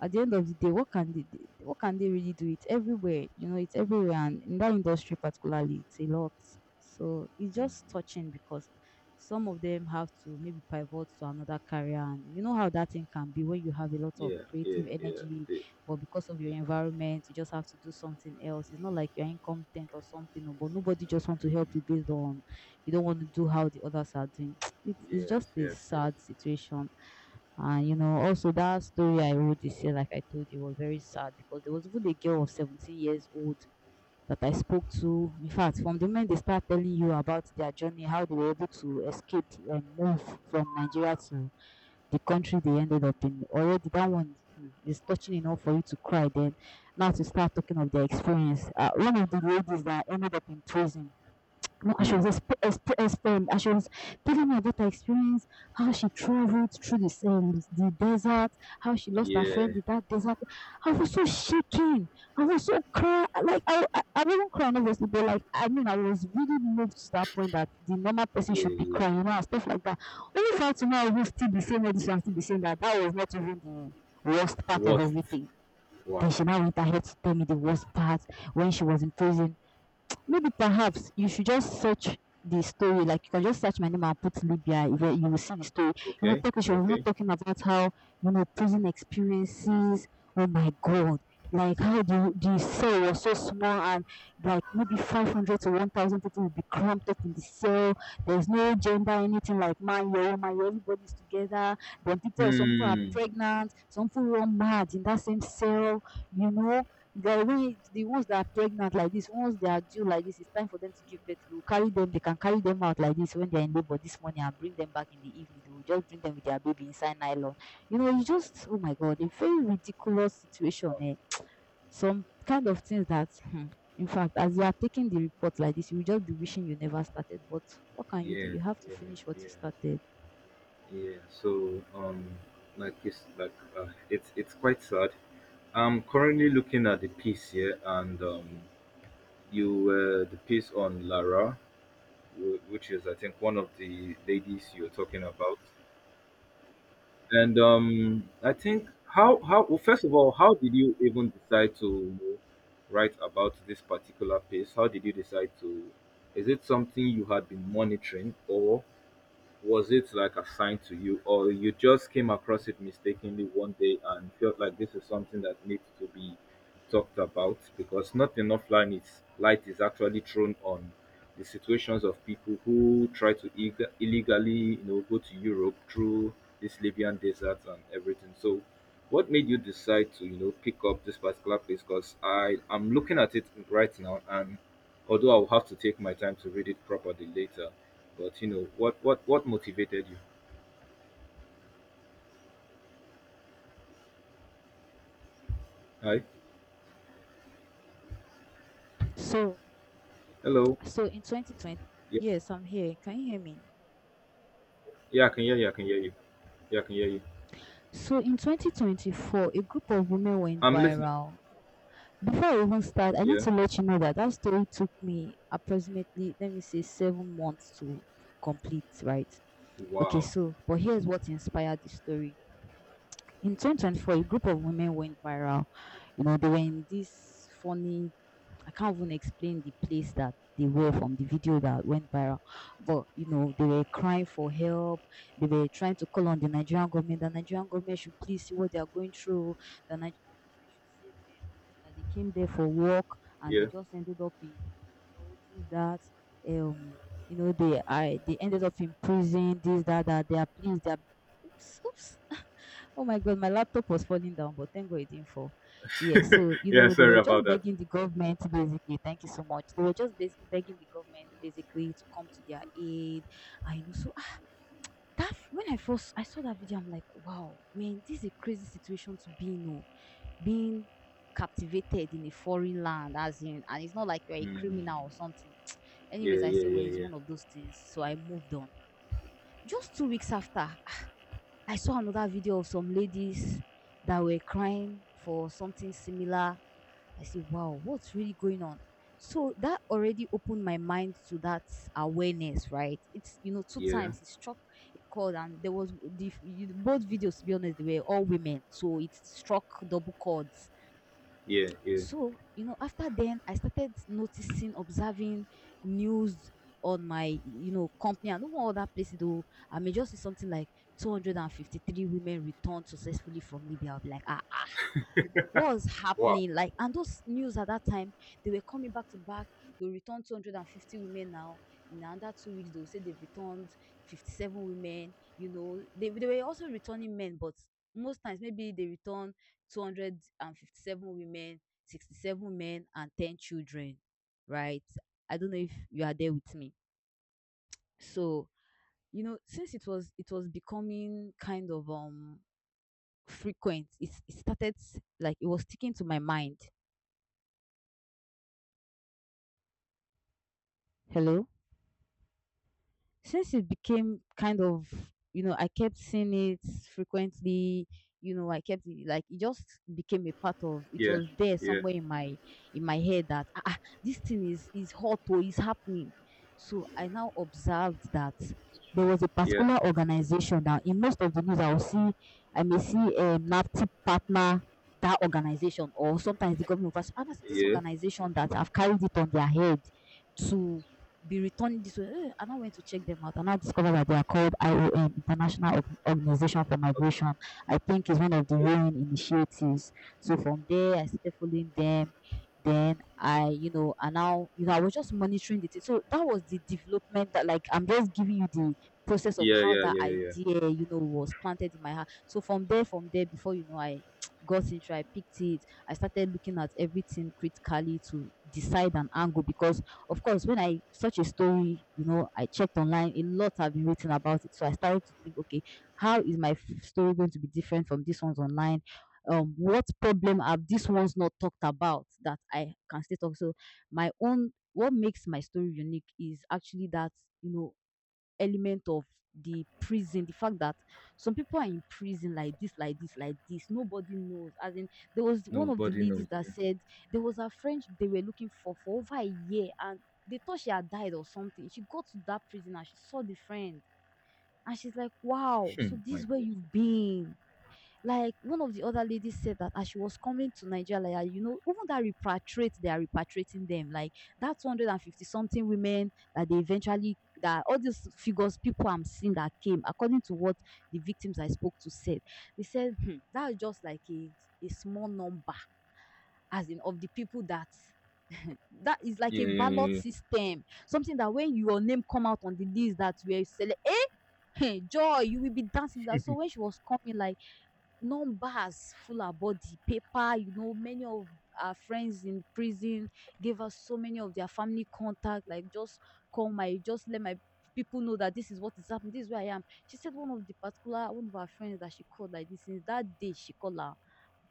S2: at the end of the day, what can what can they really do? It's everywhere, you know, it's everywhere, and in that industry particularly, it's a lot. So it's
S1: Mm,
S2: just touching because some of them have to maybe pivot to another career, and you know how that thing can be when you have a lot of
S1: yeah, yeah,
S2: creative
S1: yeah.
S2: energy,
S1: the-
S2: but because of your
S1: the-
S2: environment, you just have to do something else. It's not like you're incompetent or something, but nobody just want to help you based on you don't want to do how the others are doing. It's
S1: yes,
S2: just a
S1: yes, yes.
S2: sad situation, and you know, also that story I wrote this year, like I told you, was very sad because there was even a girl of 17 years old that I spoke to. In fact, from the moment they start telling you about their journey, how they were able to escape and move from Nigeria to the country they ended up in, already that one, hmm, is touching enough for you to cry. Then now to start talking of their experience. One of the ladies that ended up in prison, no, and she
S1: Hmm.
S2: was telling me about her experience, how she traveled through the desert, how she lost her
S1: Yeah,
S2: friend in that desert. I was so shaking. I was so crying. Like I wasn't crying obviously, but like I mean, I was really moved to that point that the normal person
S1: yeah,
S2: should be
S1: yeah.
S2: crying, and stuff like that. Only for her to now even still be saying all this and still be saying that that was not even the worst part of
S1: Worst.
S2: everything.
S1: Wow.
S2: Then she now went ahead to tell me the worst part when she was in prison. Maybe perhaps you should just search the story, like you can just search my name and put Libya, you will see the story. You know,
S1: Okay,
S2: talking, she was not
S1: okay.
S2: talking about how, you know, prison experiences. Oh my God. Like how the cell was so small and like maybe 500 to 1,000 people will be cramped up in the cell. There's no gender, anything like man, you everybody's together. Then people, some people are
S1: Hmm.
S2: pregnant, some people run mad in that same cell, you know. Then when the ones that are pregnant like this, once they are due like this, it's time for them to give birth. They will carry them. They can carry them out like this when they are in labor this morning and bring them back in the evening. They will just bring them with their baby inside nylon. You know, you just, oh my god, a very ridiculous situation.
S1: Wow.
S2: Eh? Some kind of things that, in fact, as you are taking the report like this, you will just be wishing you never started, but what can you do?
S1: Yeah,
S2: You have to
S1: yeah,
S2: finish what
S1: yeah,
S2: you started.
S1: yeah. So like it's quite sad. I'm currently looking at the piece here, and you the piece on Lara, which is I think one of the ladies you're talking about, and I think how, well, first of all, how did you even decide to write about this particular piece? How did you decide to? Is it something you had been monitoring, or was it like assigned to you, or you just came across it mistakenly one day and felt like this is something that needs to be talked about because not enough light is actually thrown on the situations of people who try to illegally, you know, go to Europe through this Libyan desert and everything. So what made you decide to, you know, pick up this particular place? Because I'm looking at it right now, and although I'll have to take my time to read it properly later, but you know, what motivated you? Hi. Hello.
S2: So, so in 2020,
S1: Yeah.
S2: yes, I'm here. Can you hear me?
S1: Yeah, I can hear you. I can hear you. Yeah, I can hear you.
S2: So in 2024, a group of women went
S1: I'm listening.
S2: viral. Before I even start, I need
S1: Yeah.
S2: to let you know that that story took me approximately, let me say, 7 months to complete, right? Okay,
S1: Wow.
S2: so, but here's what inspired the story. In 2024, a group of women went viral. You know, they were in this funny, I can't even explain the place that they were from the video that went viral. But you know, they were crying for help. They were trying to call on the Nigerian government. The Nigerian government should please see what they are going through. The Nigerian government should save them. That they came there for work and they
S1: Yeah.
S2: just ended up in, you know, this that, um you know, they ended up in prison. This that that they are pleased. They are, oops, oops. Oh my god, my laptop was falling down, but thank God it didn't fall. Yes, so you
S1: Yeah,
S2: know they
S1: sorry
S2: were
S1: about
S2: just
S1: that.
S2: begging the government basically. Thank you so much. They were just begging the government basically to come to their aid. I know. So, ah, that when I first I saw that video, I'm like, wow, man, this is a crazy situation to be in. Oh. Being captivated in a foreign land, as in, and it's not like you're a
S1: Hmm.
S2: criminal or something.
S1: Yeah,
S2: Anyways, I
S1: yeah,
S2: say, well,
S1: yeah,
S2: it's
S1: yeah.
S2: one of those things. So I moved on. Just 2 weeks after, I saw another video of some ladies that were crying for something similar. I said, wow, what's really going on? So that already opened my mind to that awareness, right? It's, you know, two
S1: Yeah.
S2: times it struck a chord, and there was the both videos. To be honest, they were all women, so it struck double chords.
S1: Yeah, yeah.
S2: So, you know, after then, I started noticing, observing news on my, you know, company and even other places. Though I may just see something like 253 women returned successfully from Libya. I'll be like, ah, ah, what was
S1: Wow.
S2: happening like, and those news at that time, they were coming back to back. They'll return 250 women now, in another 2 weeks they'll say they've returned 57 women. You know, they were also returning men, but most times maybe they return 257 women, 67 men and 10 children, right? I don't know if you are there with me. So, you know, since it was becoming kind of, frequent, it started like it was sticking to my mind. Hello? Since it became kind of, you know, I kept seeing it frequently, you know, like it just became a part of, it
S1: Yeah.
S2: was there
S1: Yeah.
S2: somewhere in my, in my head that, ah, ah, this thing is hot or is happening. So I now observed that there was a
S1: Yeah.
S2: particular organization, now in most of the news I will see, I may see NAFTI partner that organization or sometimes the government of, and I say this
S1: Yeah.
S2: organization that have carried it on their head to be returning this way. Eh, and I went to check them out and I discovered that they are called IOM, International Organization for
S1: Okay.
S2: Migration. I think it's one of the UN initiatives. So from there, I started following them. Then I, you know, and now, you know, I was just monitoring the thing. So that was the development that, like, I'm just giving you the process of
S1: Yeah,
S2: how
S1: yeah,
S2: that
S1: yeah, yeah, yeah.
S2: idea, you know, was planted in my heart. So from there, before you know, I got into, I picked it. I started looking at everything critically to decide an angle, because of course, when I such a story, you know, I checked online, a lot have been written about it. So I started to think, okay, how is my story going to be different from these one's online? What problem have these ones not talked about that I can still talk? So my own, what makes my story unique is actually that, you know, element of the prison, the fact that some people are in prison like this, like this, like this. Nobody knows. As in, there was one of the
S1: Nobody knows.
S2: ladies that
S1: Yeah.
S2: said there was a friend they were looking for over a year, and they thought she had died or something. She got to that prison and she saw the friend, and she's like, "Wow,
S1: Hmm.
S2: so
S1: My
S2: this is where
S1: God.
S2: you've been." Like one of the other ladies said that as she was coming to Nigeria, like, ah, you know, even that repatriate, they are repatriating them. Like that 250 something women that they eventually, that all these figures, people I'm seeing that came, according to what the victims I spoke to said, they said, "Hmm, that's just like a small number, as in of the people that that is like a
S1: Yeah, yeah,
S2: ballot
S1: yeah,
S2: system something that when your name come out on the list that you are select, hey joy you will be dancing." That so when she was coming like numbers full her body, paper, you know, many of our friends in prison gave us so many of their family contact, like just call my, just let my people know that this is what is happening, this is where I am. She said one of the particular one of her friends that she called like this, since that day she called her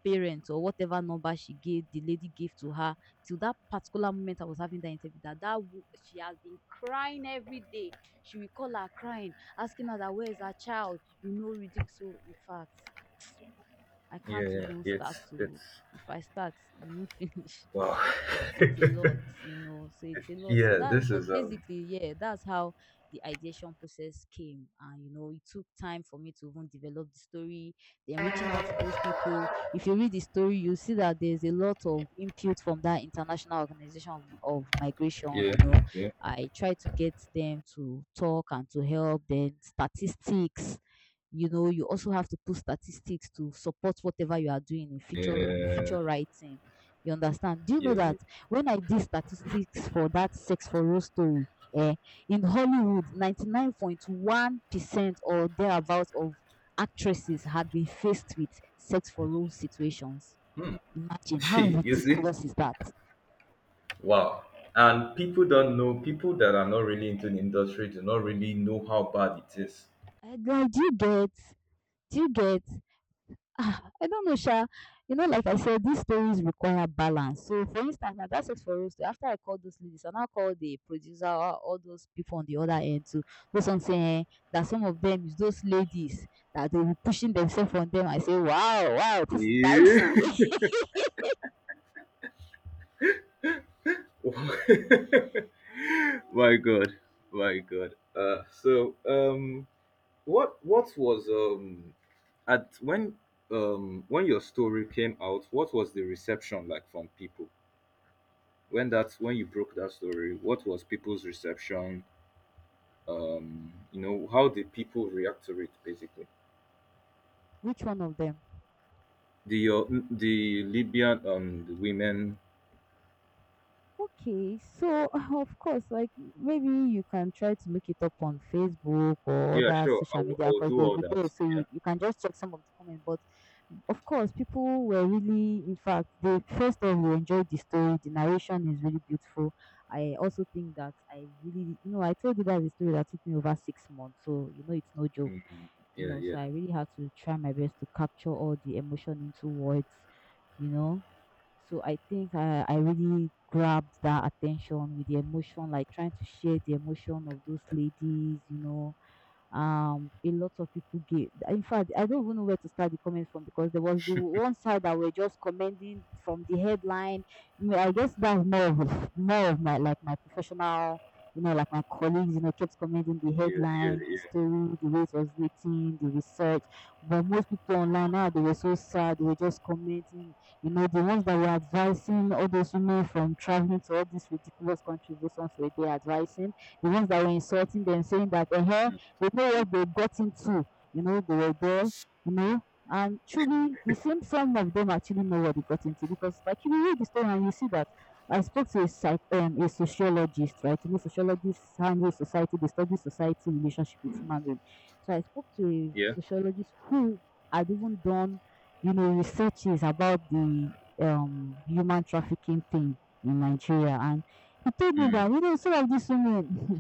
S2: parents or whatever number she gave, the lady gave to her, till that particular moment I was having that interview, that that she has been crying every day. She will call her crying, asking her that where is her child, you know, ridiculous. So in fact, I
S1: yeah.
S2: can't
S1: Yeah,
S2: even
S1: yeah.
S2: start
S1: It's
S2: to, if I start, we won't finish.
S1: wow.
S2: It's a lot, you know. So it's a lot. So
S1: Yeah,
S2: that's,
S1: this is
S2: but basically, yeah, that's how the ideation process came. And you know, it took time for me to even develop the story, then reaching out to those people. If you read the story, you see that there's a lot of input from that international organization of migration,
S1: yeah,
S2: you know.
S1: yeah,
S2: I try to get them to talk and to help, then statistics, you know, you also have to put statistics to support whatever you are doing in
S1: yeah,
S2: feature writing. You understand? Do you
S1: yeah.
S2: know
S1: Yeah.
S2: that when I did statistics for that sex for role story, eh, in Hollywood, 99.1% or thereabouts of actresses had been faced with sex for role situations.
S1: Hmm.
S2: Imagine how
S1: You see?
S2: ridiculous is that?
S1: Wow. And people don't know, people that are not really into the industry do not really know how bad it is.
S2: Like, do you get? Do you get? Ah, I don't know sha. You know, like I said, these stories require balance. So, for instance, now that's it for us. To, after I called those ladies, I now called the producer or all those people on the other end to do something, eh, that some of them is those ladies that they were pushing themselves on them. I say, wow, wow, this is
S1: Yeah.
S2: dicey.
S1: My god, my god. So what was at when your story came out, what was the reception like from people when, that's when you broke that story, what was people's reception? You know, how did people react to it basically?
S2: Which one of them?
S1: The the Libyan the women.
S2: Okay, so of course, like, maybe you can try to look it up on Facebook or
S1: Yeah,
S2: other
S1: sure.
S2: social
S1: I
S2: media
S1: will
S2: because
S1: do
S2: they'll
S1: all
S2: be there,
S1: that.
S2: so you can just check some of the comments. But of course, people were really, in fact, they first of all enjoyed the story. The narration is really beautiful. I also think that I really, I told you that the story that took me over 6 months, so it's no joke,
S1: Mm,
S2: you
S1: yeah,
S2: know.
S1: yeah,
S2: So I really had to try my best to capture all the emotion into words, you know. So I think I really grabbed that attention with the emotion, like trying to share the emotion of those ladies. A lot of people gave, in fact, I don't even know where to start the comments from, because there was the one side that were just commenting from the headline. I guess that's more of my, like, my professional, like, my colleagues, kept commenting the
S1: yeah, yeah,
S2: headline, the
S1: yeah,
S2: story, the way it was written, the research. But most people online now, they were so sad, they were just commenting. The ones that were advising all those women from traveling to all these ridiculous countries, those ones were, they advising. The ones that were insulting them, saying that
S1: mm,
S2: they know what they got into, they were there, you know. And truly, it seems some of them actually know what they got into because, like, you read the story and you see that I spoke to a sociologist, right? You know, sociologists handle society, they study society relationship with human being. So I spoke to a
S1: yeah,
S2: sociologist who had even done, researches about the human trafficking thing in Nigeria, and he told me
S1: mm,
S2: that some of these women,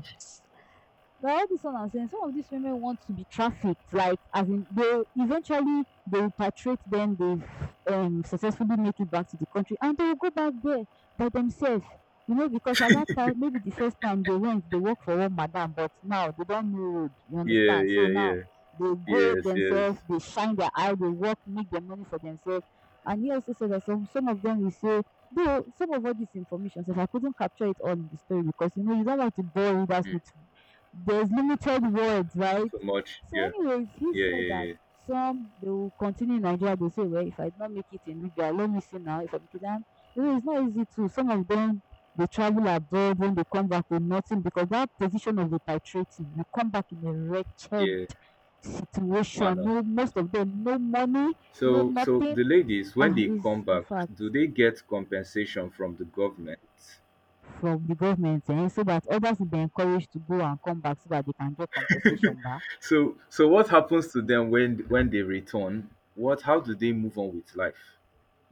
S2: well, all this one I'm saying, some of these women want to be trafficked, like, as in they eventually they repatriate, then they successfully make it back to the country, and they will go back there by themselves. Because at that time, maybe the first time they went, they work for one madam, but now they don't know road. You
S1: yeah,
S2: understand? So
S1: yeah,
S2: now
S1: yeah.
S2: they go
S1: Yes, yes.
S2: themselves, they shine their eye, they work, make their money for themselves. And he also said that some of them will say, though some of all this information, so if I couldn't capture it all in the story because you don't want to bore readers
S1: Mm,
S2: with there's limited words, right?
S1: so much.
S2: So,
S1: Yeah,
S2: anyways, he
S1: yeah,
S2: said
S1: yeah,
S2: that
S1: yeah,
S2: some they will continue in Nigeria. They say, well, if I did not make it in Libya, let me see now. If I make it, and it's not easy to. Some of them, they travel abroad when they come back with nothing because that position of the titrating, you come back in a wretched
S1: yeah.
S2: situation.
S1: Manner.
S2: No, most of them, no money, no
S1: So, so
S2: nothing.
S1: the ladies, when they
S2: Is
S1: come
S2: in
S1: back,
S2: fact
S1: do they get compensation from the government?
S2: from the government, and so that others will be encouraged to go and come back so that they can get compensation back.
S1: So, so what happens to them when they return? What? How do they move on with life?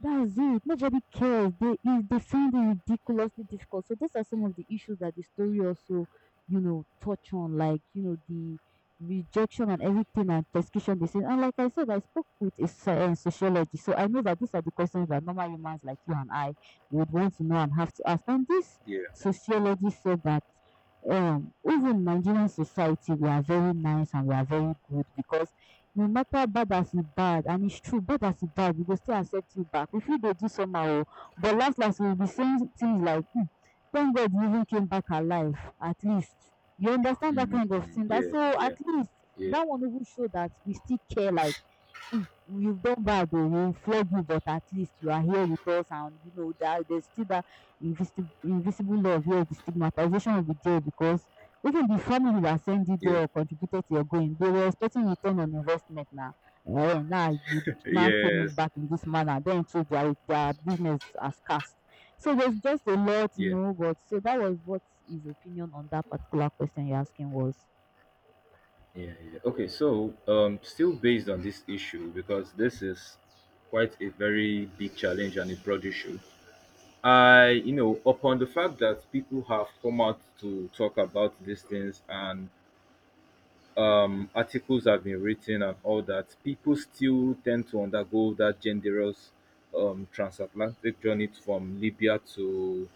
S2: That's it. Nobody cares. They is they find it ridiculously difficult. So those are some of the issues that the story also, touch on, like, the rejection and everything and persecution they say. And like I said, I spoke with a sociologist, so I know that these are the questions that normal humans like you and I would want to know and have to ask. And this
S1: Yeah.
S2: sociologist said that even Nigerian society, we are very nice and we are very good because no matter bad as e bad, and its true, bad as e bad, we go still accept you back. We fit dey do somehow oh. But las las, we will be saying things like, thank God you even came back alive, at least, you understand that
S1: Mm,
S2: kind of
S1: mm,
S2: thing. That,
S1: yeah.
S2: so at
S1: Yeah.
S2: least
S1: Yeah.
S2: that one even show that we still care, like, Mm, you've done bad though. We'll flog you, but at least you are here with us, and you know that there's still that invisible love here. The stigmatization will be there because even the family that sent you
S1: Yeah.
S2: there or contributed to your going, they were expecting return on investment now. Now you now came in
S1: Yes.
S2: back in this manner, then too their business has cast. So there's just a lot,
S1: Yeah.
S2: but so that was what his opinion on that particular question you're asking was.
S1: Yeah. Yeah. Okay. So, still based on this issue because this is quite a very big challenge and a broad issue. I, you know, upon the fact that people have come out to talk about these things, and articles have been written and all that, people still tend to undergo that genderous transatlantic journey from Libya to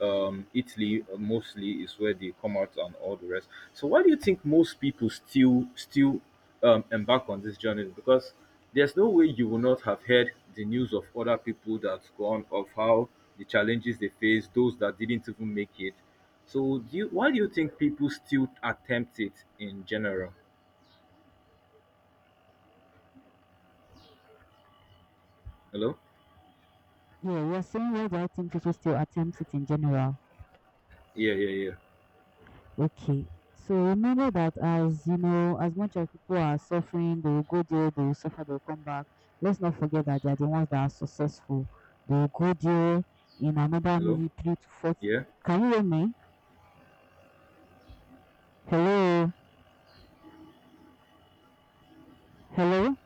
S1: Italy. Mostly is where they come out and all the rest. So why do you think most people still embark on this journey? Because there's no way you will not have heard the news of other people that's gone, of how the challenges they face, those that didn't even make it. So do you, why do you think people still attempt it in general? Hello?
S2: Yeah, you're saying, why do I think people still attempt it in general?
S1: Yeah, yeah, yeah.
S2: Okay. So remember that, as you know, as much as people are suffering, they will go there, they will suffer, they will come back. Let's not forget that they are the ones that are successful. They will go there in another
S1: Hello?
S2: maybe three to four.
S1: Yeah?
S2: Can you hear me? Hello? Hello?